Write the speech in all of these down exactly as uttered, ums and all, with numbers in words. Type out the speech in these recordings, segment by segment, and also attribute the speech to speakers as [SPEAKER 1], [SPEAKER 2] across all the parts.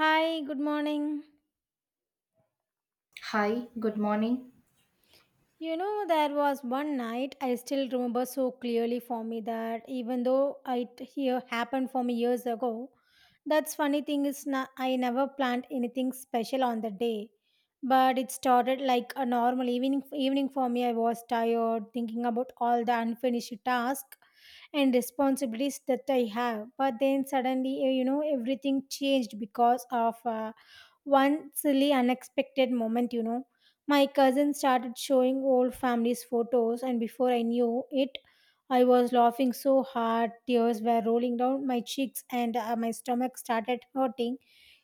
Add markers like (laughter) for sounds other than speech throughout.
[SPEAKER 1] Hi, good morning.
[SPEAKER 2] Hi, good morning.
[SPEAKER 1] You know, there was one night I still remember so clearly for me that even though it here happened for me years ago, that's funny thing is na- I never planned anything special on the day, but it started like a normal evening. Evening for me, I was tired thinking about all the unfinished tasks and responsibilities that I have. But then suddenly, eh, you know, everything changed because of uh, one silly, unexpected moment. You know, my cousin started showing old family's photos, and before I knew it, I was laughing so hard, tears were rolling down my cheeks, and uh, my stomach started hurting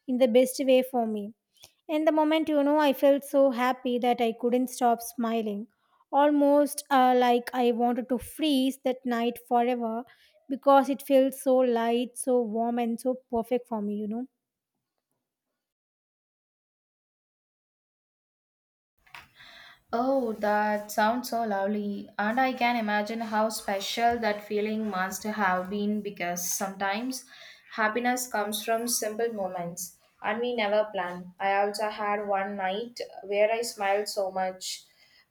[SPEAKER 1] in the best way for me. In the moment, you know, I felt so happy that I couldn't stop smiling, almost uh, like I wanted to freeze that night forever because it felt so light, so warm, and so perfect for me, you know.
[SPEAKER 2] Oh, that sounds so lovely. And I can imagine how special that feeling must have been because sometimes happiness comes from simple moments and we never plan. I also had one night where I smiled so much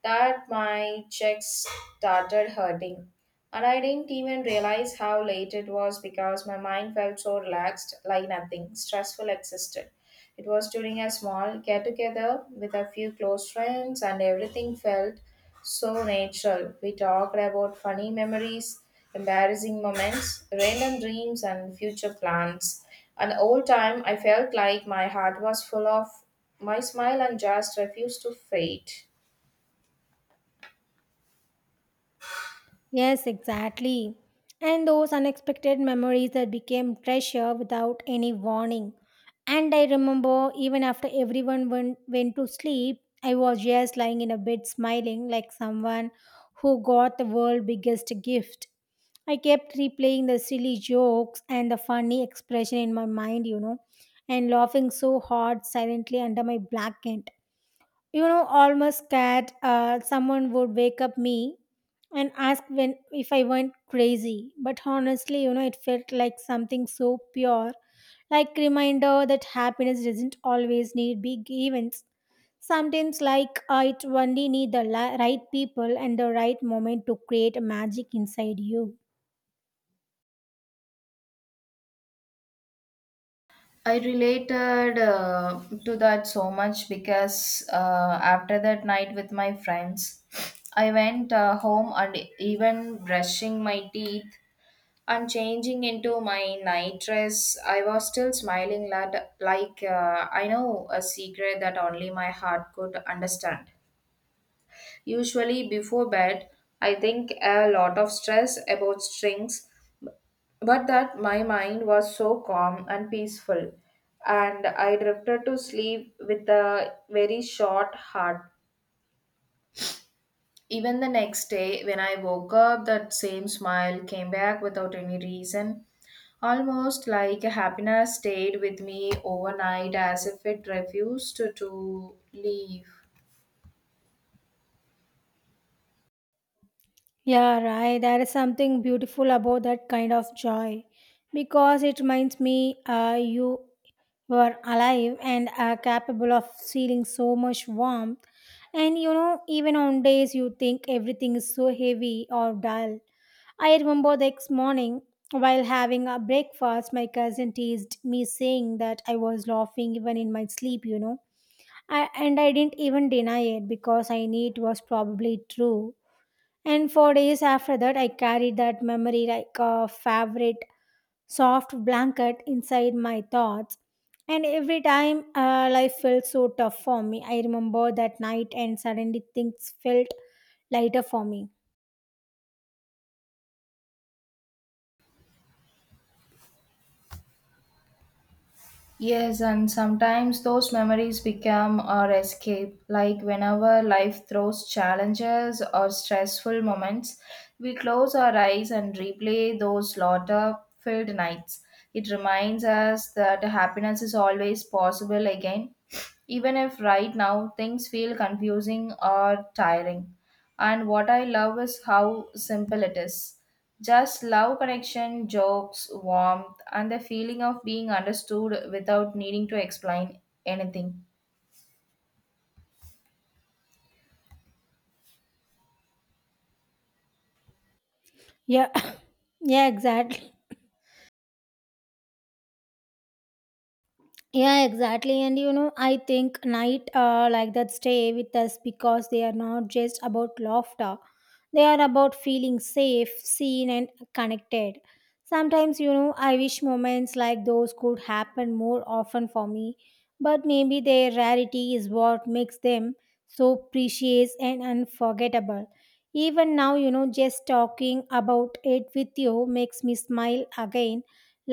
[SPEAKER 2] that my cheeks started hurting. And I didn't even realize how late it was because my mind felt so relaxed, like nothing stressful existed. It was during a small get together with a few close friends, and everything felt so natural. We talked about funny memories, embarrassing moments, random dreams, and future plans. And the whole time, I felt like my heart was full of my smile and just refused to fade.
[SPEAKER 1] Yes, exactly. And those unexpected memories that became treasure without any warning. And I remember even after everyone went, went to sleep, I was just lying in a bed smiling like someone who got the world's biggest gift. I kept replaying the silly jokes and the funny expression in my mind, you know, and laughing so hard silently under my blanket, you know, almost scared uh, someone would wake up me and ask when if I went crazy. But honestly, you know, it felt like something so pure, like reminder that happiness doesn't always need big events. Sometimes like uh, it only need the li- right people and the right moment to create magic inside you.
[SPEAKER 2] I related uh, to that so much because uh, after that night with my friends, I went uh, home and even brushing my teeth and changing into my night dress, I was still smiling lad, like uh, I know a secret that only my heart could understand. Usually, before bed, I think a lot of stress about strings, but that my mind was so calm and peaceful, and I drifted to sleep with a very short heart. Even the next day, when I woke up, that same smile came back without any reason. Almost like happiness stayed with me overnight as if it refused to to leave.
[SPEAKER 1] Yeah, right. There is something beautiful about that kind of joy because it reminds me uh, you were alive and are capable of feeling so much warmth. And you know, even on days you think everything is so heavy or dull. I remember the next morning while having a breakfast, my cousin teased me saying that I was laughing even in my sleep, you know. I, and I didn't even deny it because I knew it was probably true. And for days after that, I carried that memory like a favorite soft blanket inside my thoughts. And every time uh, life felt so tough for me, I remember that night and suddenly things felt lighter for me.
[SPEAKER 2] Yes, and sometimes those memories become our escape. Like whenever life throws challenges or stressful moments, we close our eyes and replay those laughter filled nights. It reminds us that happiness is always possible again, even if right now things feel confusing or tiring. And what I love is how simple it is. Just love connection, jokes, warmth, and the feeling of being understood without needing to explain anything.
[SPEAKER 1] Yeah, (coughs) yeah, exactly. Yeah, exactly. And you know, I think night uh, like that stay with us because they are not just about laughter. They are about feeling safe, seen and connected. Sometimes, you know, I wish moments like those could happen more often for me, but maybe their rarity is what makes them so precious and unforgettable. Even now, you know, just talking about it with you makes me smile again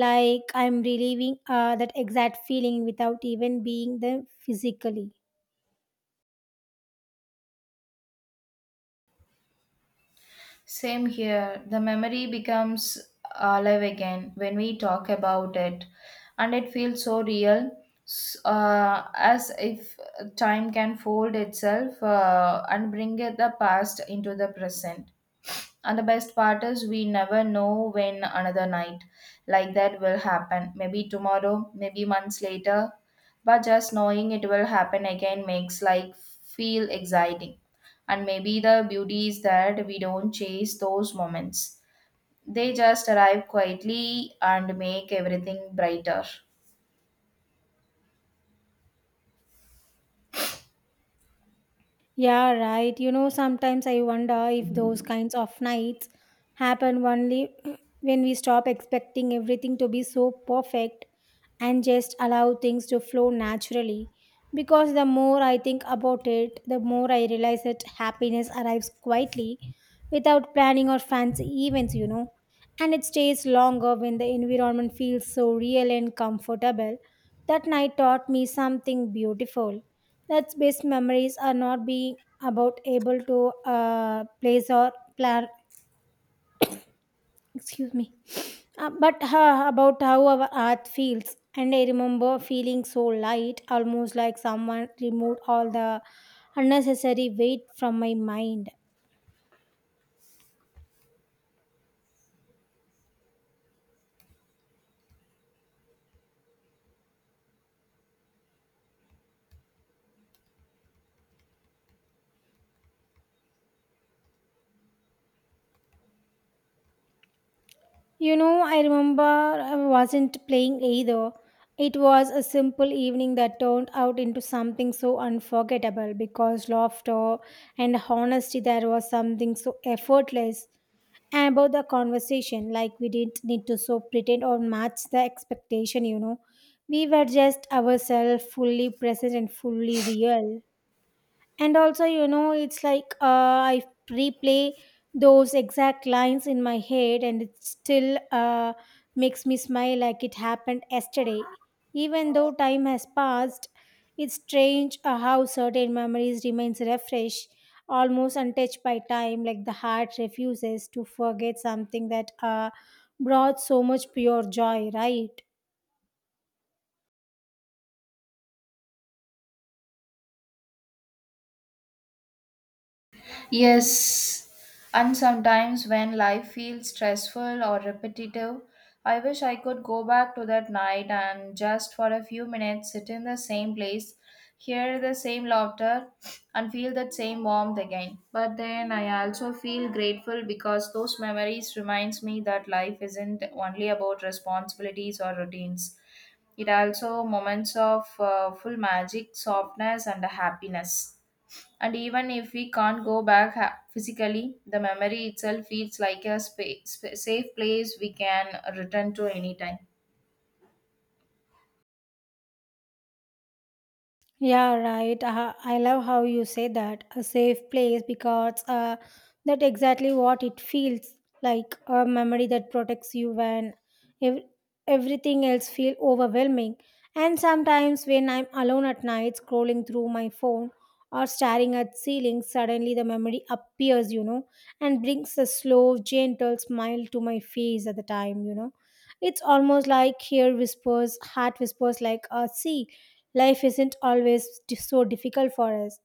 [SPEAKER 1] like I'm relieving uh, that exact feeling without even being there physically.
[SPEAKER 2] Same here, the memory becomes alive again when we talk about it, and it feels so real. s- Uh, as if time can fold itself uh, and bring it the past into the present. And the best part is we never know when another night like that will happen. Maybe tomorrow, maybe months later. But just knowing it will happen again makes life feel exciting. And maybe the beauty is that we don't chase those moments. They just arrive quietly and make everything brighter.
[SPEAKER 1] Yeah, right. You know, sometimes I wonder if those kinds of nights happen only (clears throat) when we stop expecting everything to be so perfect and just allow things to flow naturally. Because the more I think about it, the more I realize that happiness arrives quietly without planning or fancy events, you know. And it stays longer when the environment feels so real and comfortable. That night taught me something beautiful. That best memories are not being about able to uh, place or plan. Excuse me, uh, but huh, about how our earth feels. And I remember feeling so light, almost like someone removed all the unnecessary weight from my mind. You know, I remember I wasn't playing either. It was a simple evening that turned out into something so unforgettable because laughter and honesty there was something so effortless about the conversation, like we didn't need to so pretend or match the expectation, you know. We were just ourselves fully present and fully real. And also, you know, it's like uh, I replay those exact lines in my head and it still uh, makes me smile like it happened yesterday, even though time has passed. It's strange uh, how certain memories remains refresh, almost untouched by time, like the heart refuses to forget something that uh, brought so much pure joy, right?
[SPEAKER 2] Yes, and sometimes when life feels stressful or repetitive, I wish I could go back to that night and just for a few minutes sit in the same place, hear the same laughter, and feel that same warmth again. But then I also feel grateful because those memories reminds me that life isn't only about responsibilities or routines. It also moments of uh, full magic, softness, and happiness. And even if we can't go back ha- physically, the memory itself feels like a spa- sp- safe place we can return to anytime.
[SPEAKER 1] Yeah, right. Uh, I love how you say that a safe place because uh, that exactly what it feels like, a memory that protects you when ev- everything else feel overwhelming. And sometimes when I'm alone at night scrolling through my phone or staring at ceiling, suddenly the memory appears, you know, and brings a slow, gentle smile to my face at the time, you know. It's almost like here whispers, heart whispers like, uh, see, life isn't always di- so difficult for us.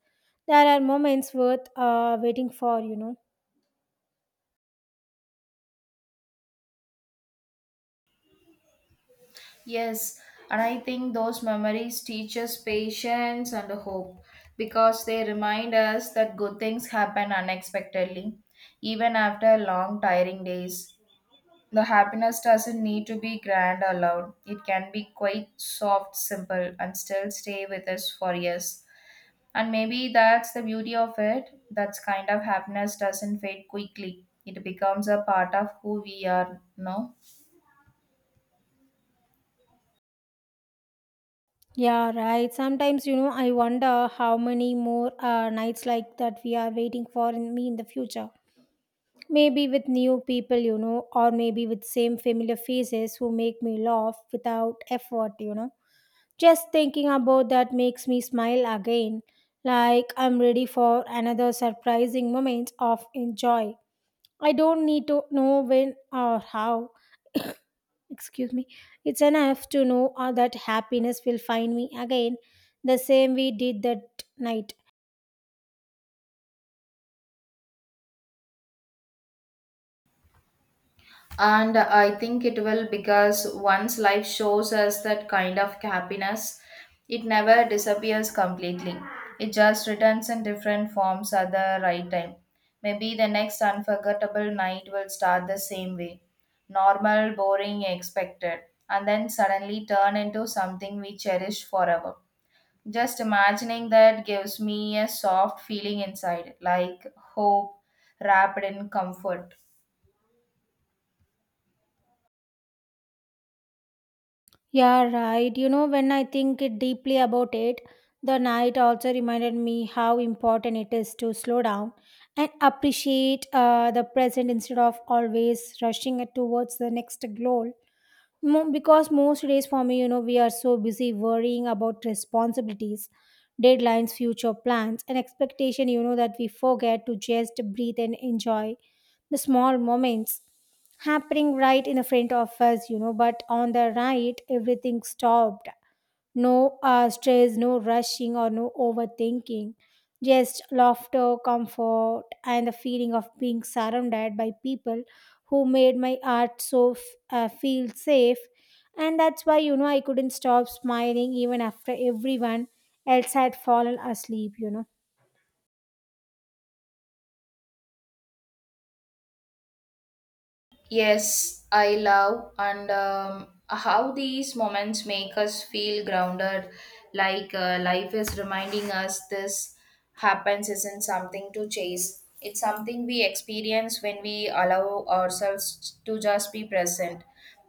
[SPEAKER 1] There are moments worth uh, waiting for, you know.
[SPEAKER 2] Yes, and I think those memories teach us patience and hope because they remind us that good things happen unexpectedly, even after long, tiring days. The happiness doesn't need to be grand or loud, it can be quite soft, simple, and still stay with us for years. And maybe that's the beauty of it. That kind of happiness doesn't fade quickly. It becomes a part of who we are, no?
[SPEAKER 1] Yeah, right. Sometimes, you know, I wonder how many more uh, nights like that we are waiting for in me in the future. Maybe with new people, you know, or maybe with same familiar faces who make me laugh without effort, you know. Just thinking about that makes me smile again, like I'm ready for another surprising moment of enjoy. I don't need to know when or how. (coughs) Excuse me. It's enough to know uh, that happiness will find me again the same we did that night.
[SPEAKER 2] And I think it will because once life shows us that kind of happiness, it never disappears completely. It just returns in different forms at the right time. Maybe the next unforgettable night will start the same way normal, boring, expected, and then suddenly turn into something we cherish forever. Just imagining that gives me a soft feeling inside, like hope wrapped in comfort.
[SPEAKER 1] Yeah, right. You know, when I think it deeply about it, the night also reminded me how important it is to slow down and appreciate uh, the present instead of always rushing it towards the next goal. Mo- because most days for me, you know, we are so busy worrying about responsibilities, deadlines, future plans, and expectation, you know, that we forget to just breathe and enjoy the small moments happening right in the front of us, you know. But on the right, everything stopped. No uh, stress, no rushing, or no overthinking. Just laughter, comfort, and the feeling of being surrounded by people who made my art so f- uh, feel safe. And that's why, you know, I couldn't stop smiling even after everyone else had fallen asleep, you know.
[SPEAKER 2] Yes, I love and um, how these moments make us feel grounded, like uh, life is reminding us this happens isn't something to chase. It's something we experience when we allow ourselves to just be present.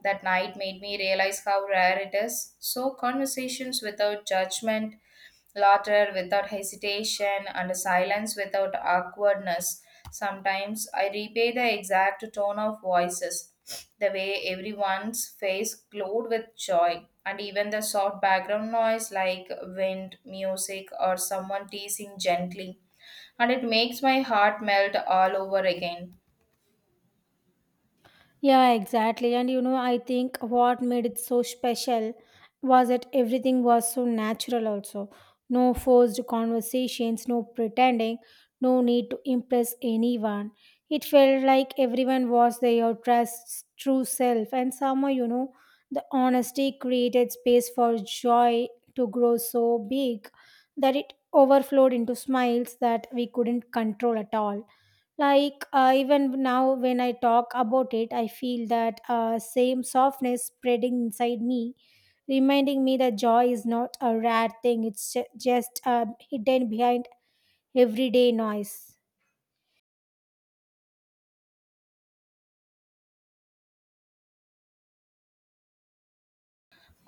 [SPEAKER 2] That night made me realize how rare it is. So, conversations without judgment. Laughter without hesitation and silence without awkwardness. Sometimes I replay the exact tone of voices, the way everyone's face glowed with joy, and even the soft background noise like wind, music, or someone teasing gently. And it makes my heart melt all over again.
[SPEAKER 1] Yeah, exactly. And you know, I think what made it so special was that everything was so natural, also. No forced conversations, no pretending, no need to impress anyone. It felt like everyone was their trust, true self. And somehow, you know, the honesty created space for joy to grow so big that it overflowed into smiles that we couldn't control at all. Like uh, even now, when I talk about it, I feel that uh, same softness spreading inside me, reminding me that joy is not a rare thing. It's ju- just uh, hidden behind everyday noise.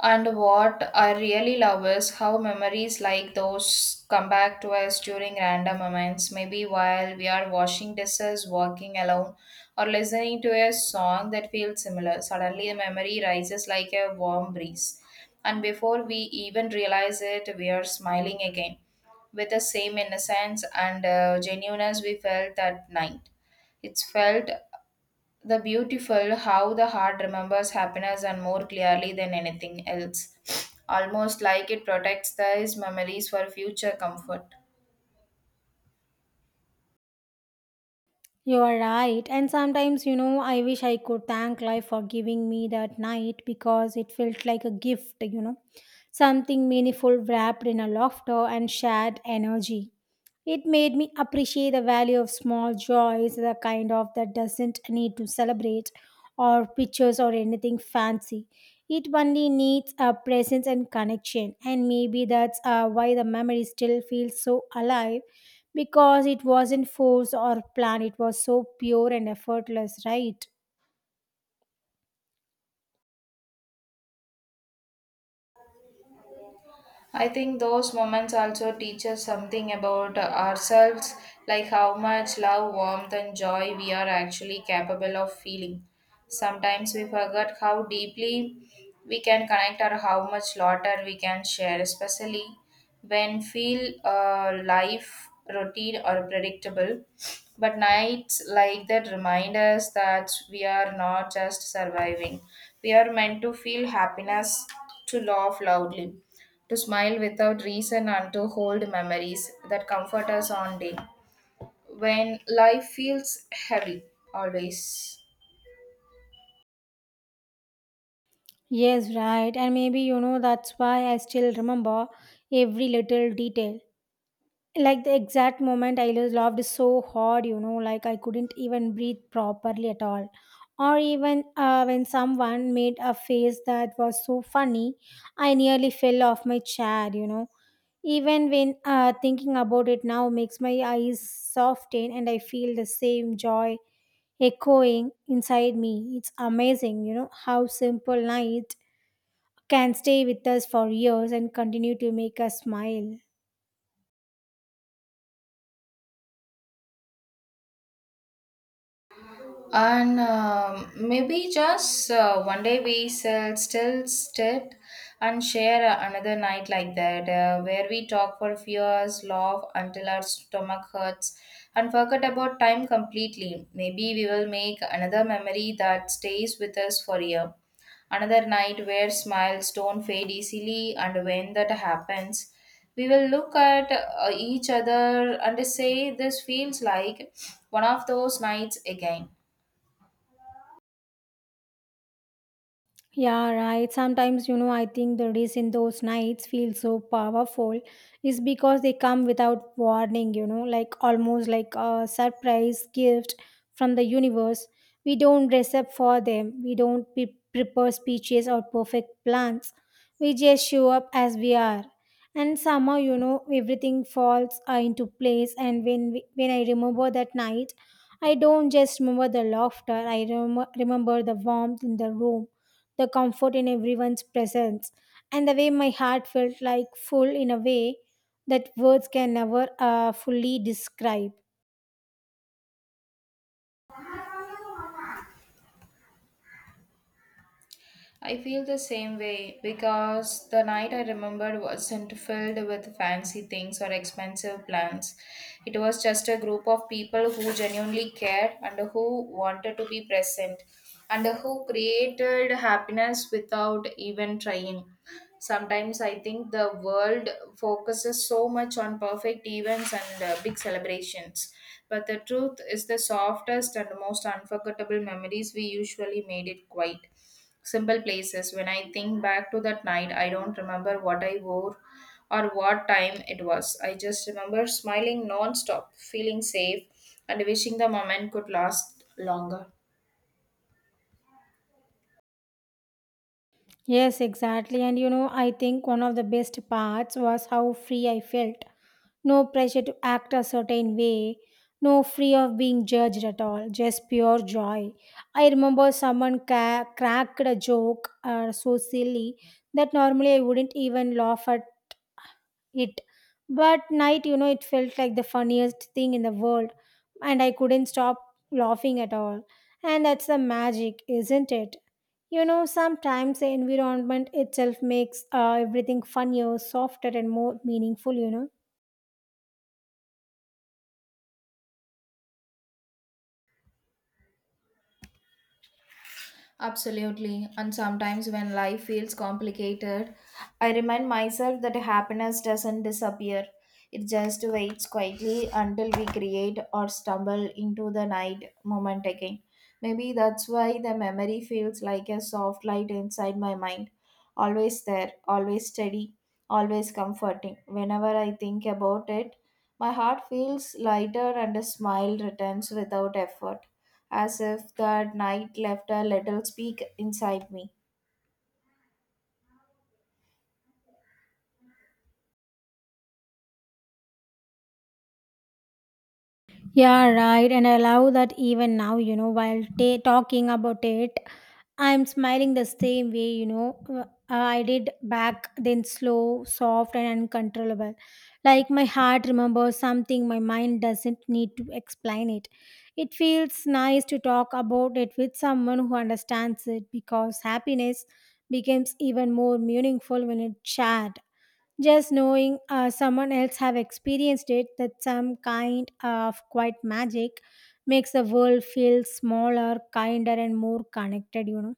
[SPEAKER 2] And what I really love is how memories like those come back to us during random moments, maybe while we are washing dishes, walking alone, or listening to a song that feels similar. Suddenly, the memory rises like a warm breeze. And before we even realize it, we are smiling again with the same innocence and uh, genuineness we felt that night. It's felt the beautiful how the heart remembers happiness and more clearly than anything else, almost like it protects these memories for future comfort.
[SPEAKER 1] You are right. And sometimes, you know, I wish I could thank life for giving me that night because it felt like a gift, you know, something meaningful wrapped in a laughter and shared energy. It made me appreciate the value of small joys, the kind of that doesn't need to celebrate or pictures or anything fancy. It only needs a presence and connection, and maybe that's uh, why the memory still feels so alive because it wasn't forced or planned, it was so pure and effortless, right?
[SPEAKER 2] I think those moments also teach us something about ourselves, like how much love, warmth, and joy we are actually capable of feeling. Sometimes we forget how deeply we can connect or how much laughter we can share, especially when feel uh, life routine or predictable. But nights like that remind us that we are not just surviving; we are meant to feel happiness, to laugh loudly, to smile without reason and to hold memories that comfort us on day when life feels heavy always.
[SPEAKER 1] Yes, right. And maybe you know that's why I still remember every little detail. Like the exact moment I lo- loved so hard, you know, like I couldn't even breathe properly at all. Or even uh, when someone made a face that was so funny, I nearly fell off my chair, you know. Even when uh, thinking about it now makes my eyes soften and I feel the same joy echoing inside me. It's amazing, you know, how simple night can stay with us for years and continue to make us smile.
[SPEAKER 2] And um, maybe just uh, one day we shall still sit and share another night like that uh, where we talk for few hours, laugh until our stomach hurts and forget about time completely. Maybe we will make another memory that stays with us for a year, another night where smiles don't fade easily. And when that happens, we will look at uh, each other and say this feels like one of those nights again.
[SPEAKER 1] Yeah, right. Sometimes, you know, I think the reason those nights feel so powerful is because they come without warning, you know, like almost like a surprise gift from the universe. We don't dress up for them, we don't pre- prepare speeches or perfect plans. We just show up as we are. And somehow, you know, everything falls uh, into place. And when, we, when I remember that night, I don't just remember the laughter, I rem- remember the warmth in the room, the comfort in everyone's presence, and the way my heart felt like full in a way that words can never uh, fully describe.
[SPEAKER 2] I feel the same way because the night I remembered wasn't filled with fancy things or expensive plans. It was just a group of people who genuinely cared and who wanted to be present and who created happiness without even trying. Sometimes I think the world focuses so much on perfect events and uh, big celebrations. But the truth is, the softest and most unforgettable memories we usually made it quiet simple places. When I think back to that night, I don't remember what I wore or what time it was. I just remember smiling non-stop, feeling safe, and wishing the moment could last longer.
[SPEAKER 1] Yes, exactly. And you know, I think one of the best parts was how free I felt. No pressure to act a certain way, no free of being judged at all, just pure joy. I remember someone ca- cracked a joke uh, so silly that normally I wouldn't even laugh at it. But night, you know, it felt like the funniest thing in the world, and I couldn't stop laughing at all. And that's the magic, isn't it? You know, sometimes the environment itself makes uh, everything funnier, softer, and more meaningful, you know.
[SPEAKER 2] Absolutely. And sometimes when life feels complicated, I remind myself that happiness doesn't disappear. It just waits quietly until we create or stumble into the night moment again. Maybe that's why the memory feels like a soft light inside my mind. Always there, always steady, always comforting. Whenever I think about it, my heart feels lighter and a smile returns without effort, as if that night left a little speak inside me.
[SPEAKER 1] Yeah, right. And I love that even now, you know, while ta- talking about it, I'm smiling the same way, you know, uh, I did back then slow, soft, and uncontrollable. Like my heart remembers something, my mind doesn't need to explain it. It feels nice to talk about it with someone who understands it because happiness becomes even more meaningful when it's shared. Just knowing uh, someone else have experienced it, that some kind of quiet magic makes the world feel smaller, kinder, and more connected, you know.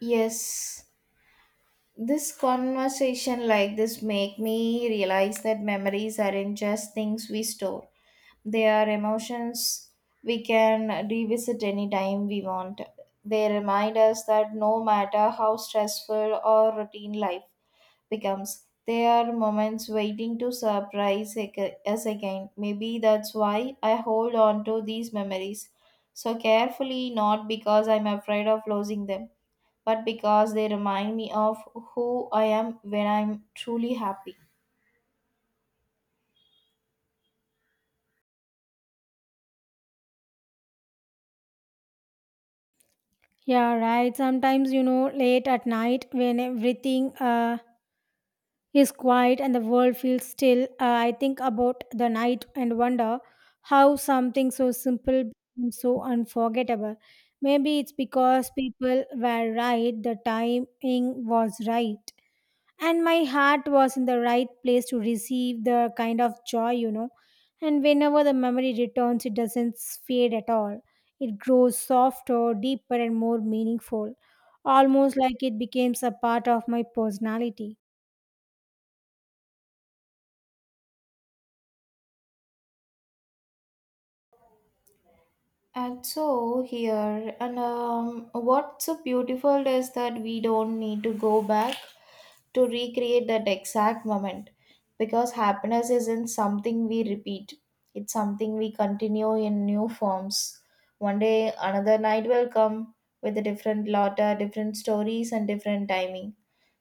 [SPEAKER 2] Yes, this conversation like this make me realize that memories aren't just things we store. They are emotions we can revisit anytime we want. They remind us that no matter how stressful or routine life becomes. They are moments waiting to surprise ag- us again. Maybe that's why I hold on to these memories so carefully, not because I'm afraid of losing them, but because they remind me of who I am when I'm truly happy.
[SPEAKER 1] Yeah, right. Sometimes, you know, late at night when everything uh, is quiet and the world feels still, uh, I think about the night and wonder how something so simple becomes so unforgettable. Maybe it's because people were right, the timing was right and my heart was in the right place to receive the kind of joy, you know, and whenever the memory returns it doesn't fade at all. It grows softer, deeper and more meaningful, almost like it becomes a part of my personality.
[SPEAKER 2] And so here, and um, what's so beautiful is that we don't need to go back to recreate that exact moment because happiness isn't something we repeat, it's something we continue in new forms. One day, another night will come with a different lotta, different stories, and different timing,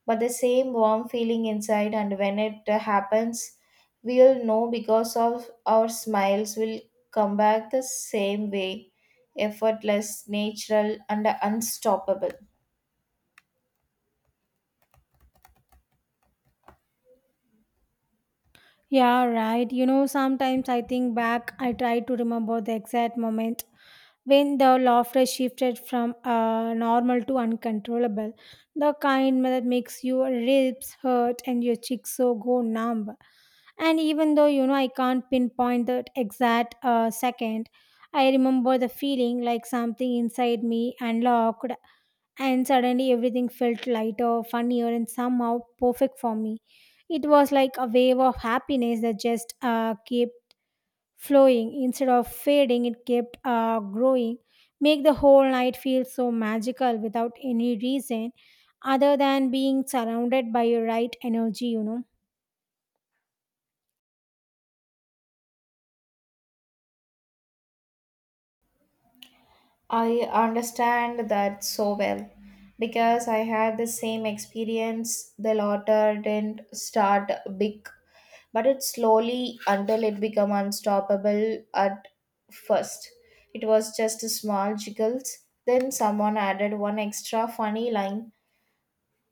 [SPEAKER 2] but the same warm feeling inside. And when it uh, happens we'll know because of our smiles will come back the same way, effortless, natural and unstoppable.
[SPEAKER 1] Yeah, right. You know, sometimes I think back, I try to remember the exact moment when the laughter shifted from uh, normal to uncontrollable, the kind that makes your ribs hurt and your cheeks so go numb. And even though, you know, I can't pinpoint that exact uh, second, I remember the feeling like something inside me unlocked, and suddenly everything felt lighter, funnier, and somehow perfect for me. It was like a wave of happiness that just uh, kept flowing. Instead of fading, it kept uh, growing, make the whole night feel so magical without any reason other than being surrounded by your right energy, you know.
[SPEAKER 2] I understand that so well because I had the same experience. The laughter didn't start big, but it slowly until it became unstoppable at first. It was just a small jiggles. Then someone added one extra funny line.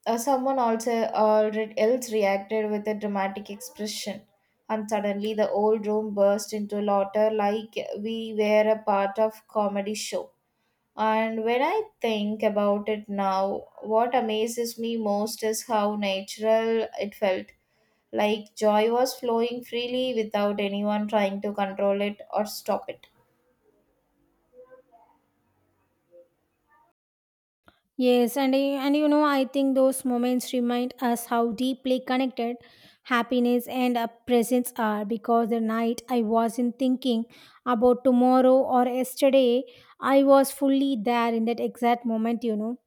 [SPEAKER 2] Uh, someone also already else reacted with a dramatic expression. And suddenly the old room burst into laughter like we were a part of comedy show. And when I think about it now, what amazes me most is how natural it felt. Like joy was flowing freely without anyone trying to control it or stop it.
[SPEAKER 1] Yes, and I- and you know, I think those moments remind us how deeply connected happiness and uh, presence are. Because the night I wasn't thinking about tomorrow or yesterday, I was fully there in that exact moment. You know,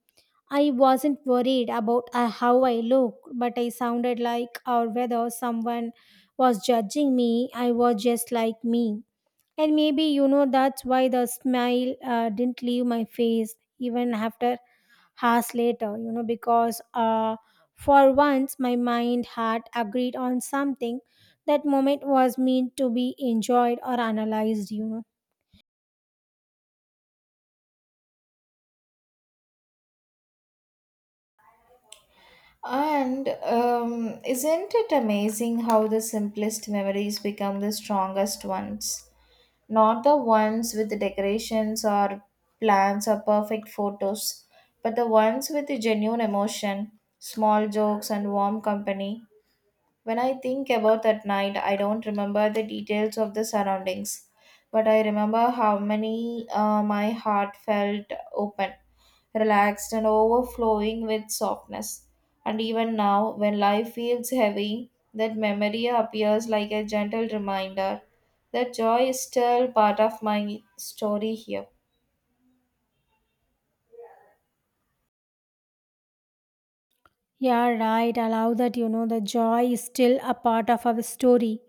[SPEAKER 1] I wasn't worried about uh, how I looked, but I sounded like or whether someone was judging me. I was just like me, and maybe, you know, that's why the smile uh, didn't leave my face even after hours later, you know, because uh, for once my mind had agreed on something. That moment was meant to be enjoyed or analyzed, you know.
[SPEAKER 2] And um, isn't it amazing how the simplest memories become the strongest ones? Not the ones with the decorations or plans or perfect photos, but the ones with the genuine emotion, small jokes, and warm company. When I think about that night, I don't remember the details of the surroundings, but I remember how many uh, my heart felt open, relaxed, and overflowing with softness. And even now, when life feels heavy, that memory appears like a gentle reminder that joy is still part of my story here.
[SPEAKER 1] Yeah, right. Allow that, you know, the joy is still a part of our story.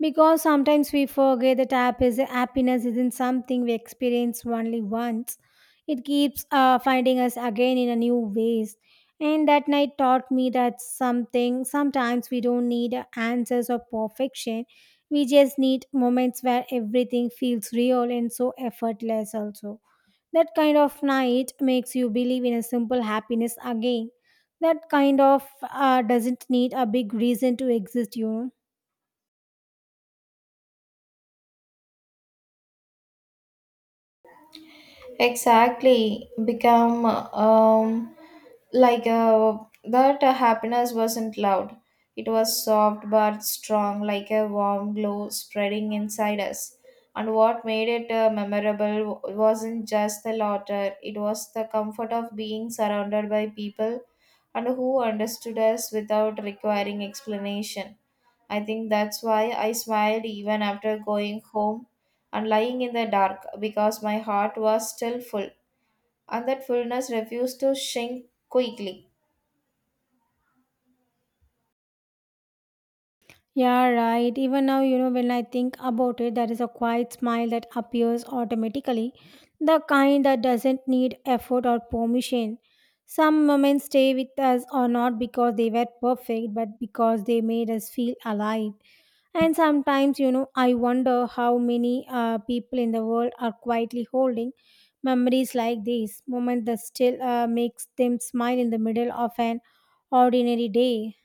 [SPEAKER 1] Because sometimes we forget that hap- is- happiness isn't something we experience only once. It keeps uh, finding us again in a new ways. And that night taught me that something sometimes we don't need answers or perfection. We just need moments where everything feels real and so effortless also. That kind of night makes you believe in a simple happiness again. That kind of uh, doesn't need a big reason to exist, you know.
[SPEAKER 2] Exactly, become um, like uh, that uh, happiness wasn't loud. It was soft but strong, like a warm glow spreading inside us. And what made it uh, memorable w- wasn't just the laughter, it was the comfort of being surrounded by people and who understood us without requiring explanation. I think that's why I smiled even after going home and lying in the dark because my heart was still full, and that fullness refused to shrink quickly.
[SPEAKER 1] Yeah, right. Even now, you know, when I think about it, there is a quiet smile that appears automatically, the kind that doesn't need effort or permission. Some moments stay with us or not because they were perfect, but because they made us feel alive. And sometimes, you know, I wonder how many uh, people in the world are quietly holding memories like these, moments that still uh, makes them smile in the middle of an ordinary day.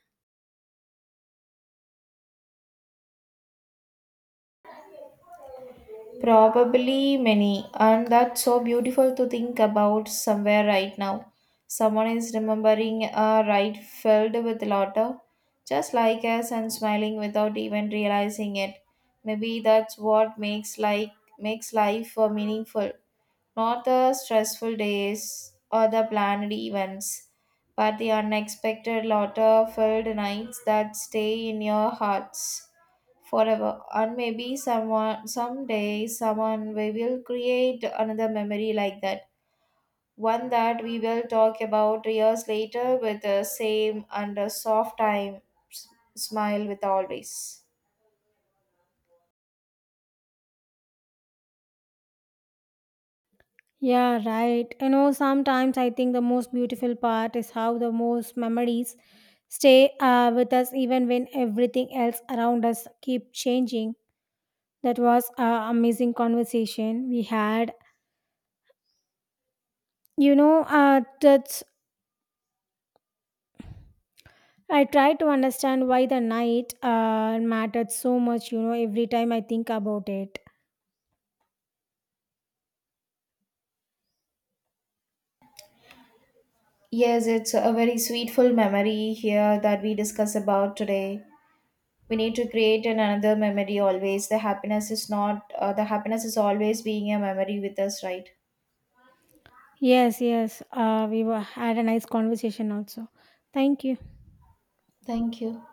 [SPEAKER 2] Probably many, and that's so beautiful to think about somewhere right now. Someone is remembering a ride filled with laughter, just like us, and smiling without even realizing it. Maybe that's what makes like makes life uh, meaningful, not the stressful days or the planned events, but the unexpected laughter filled nights that stay in your hearts forever. And maybe someone someday someone we will create another memory like that, one that we will talk about years later with the same and a soft time s- smile with always.
[SPEAKER 1] Yeah, right. You know, sometimes I think the most beautiful part is how the most memories stay uh, with us even when everything else around us keep changing. That was an amazing conversation we had. You know, uh, that's I try to understand why the night uh, mattered so much. You know, every time I think about it.
[SPEAKER 2] Yes, it's a very sweetful memory here that we discuss about today. We need to create an another memory always. The happiness is not uh, the happiness is always being a memory with us, right?
[SPEAKER 1] Yes, yes. Uh, we were, had a nice conversation also. Thank you.
[SPEAKER 2] Thank you.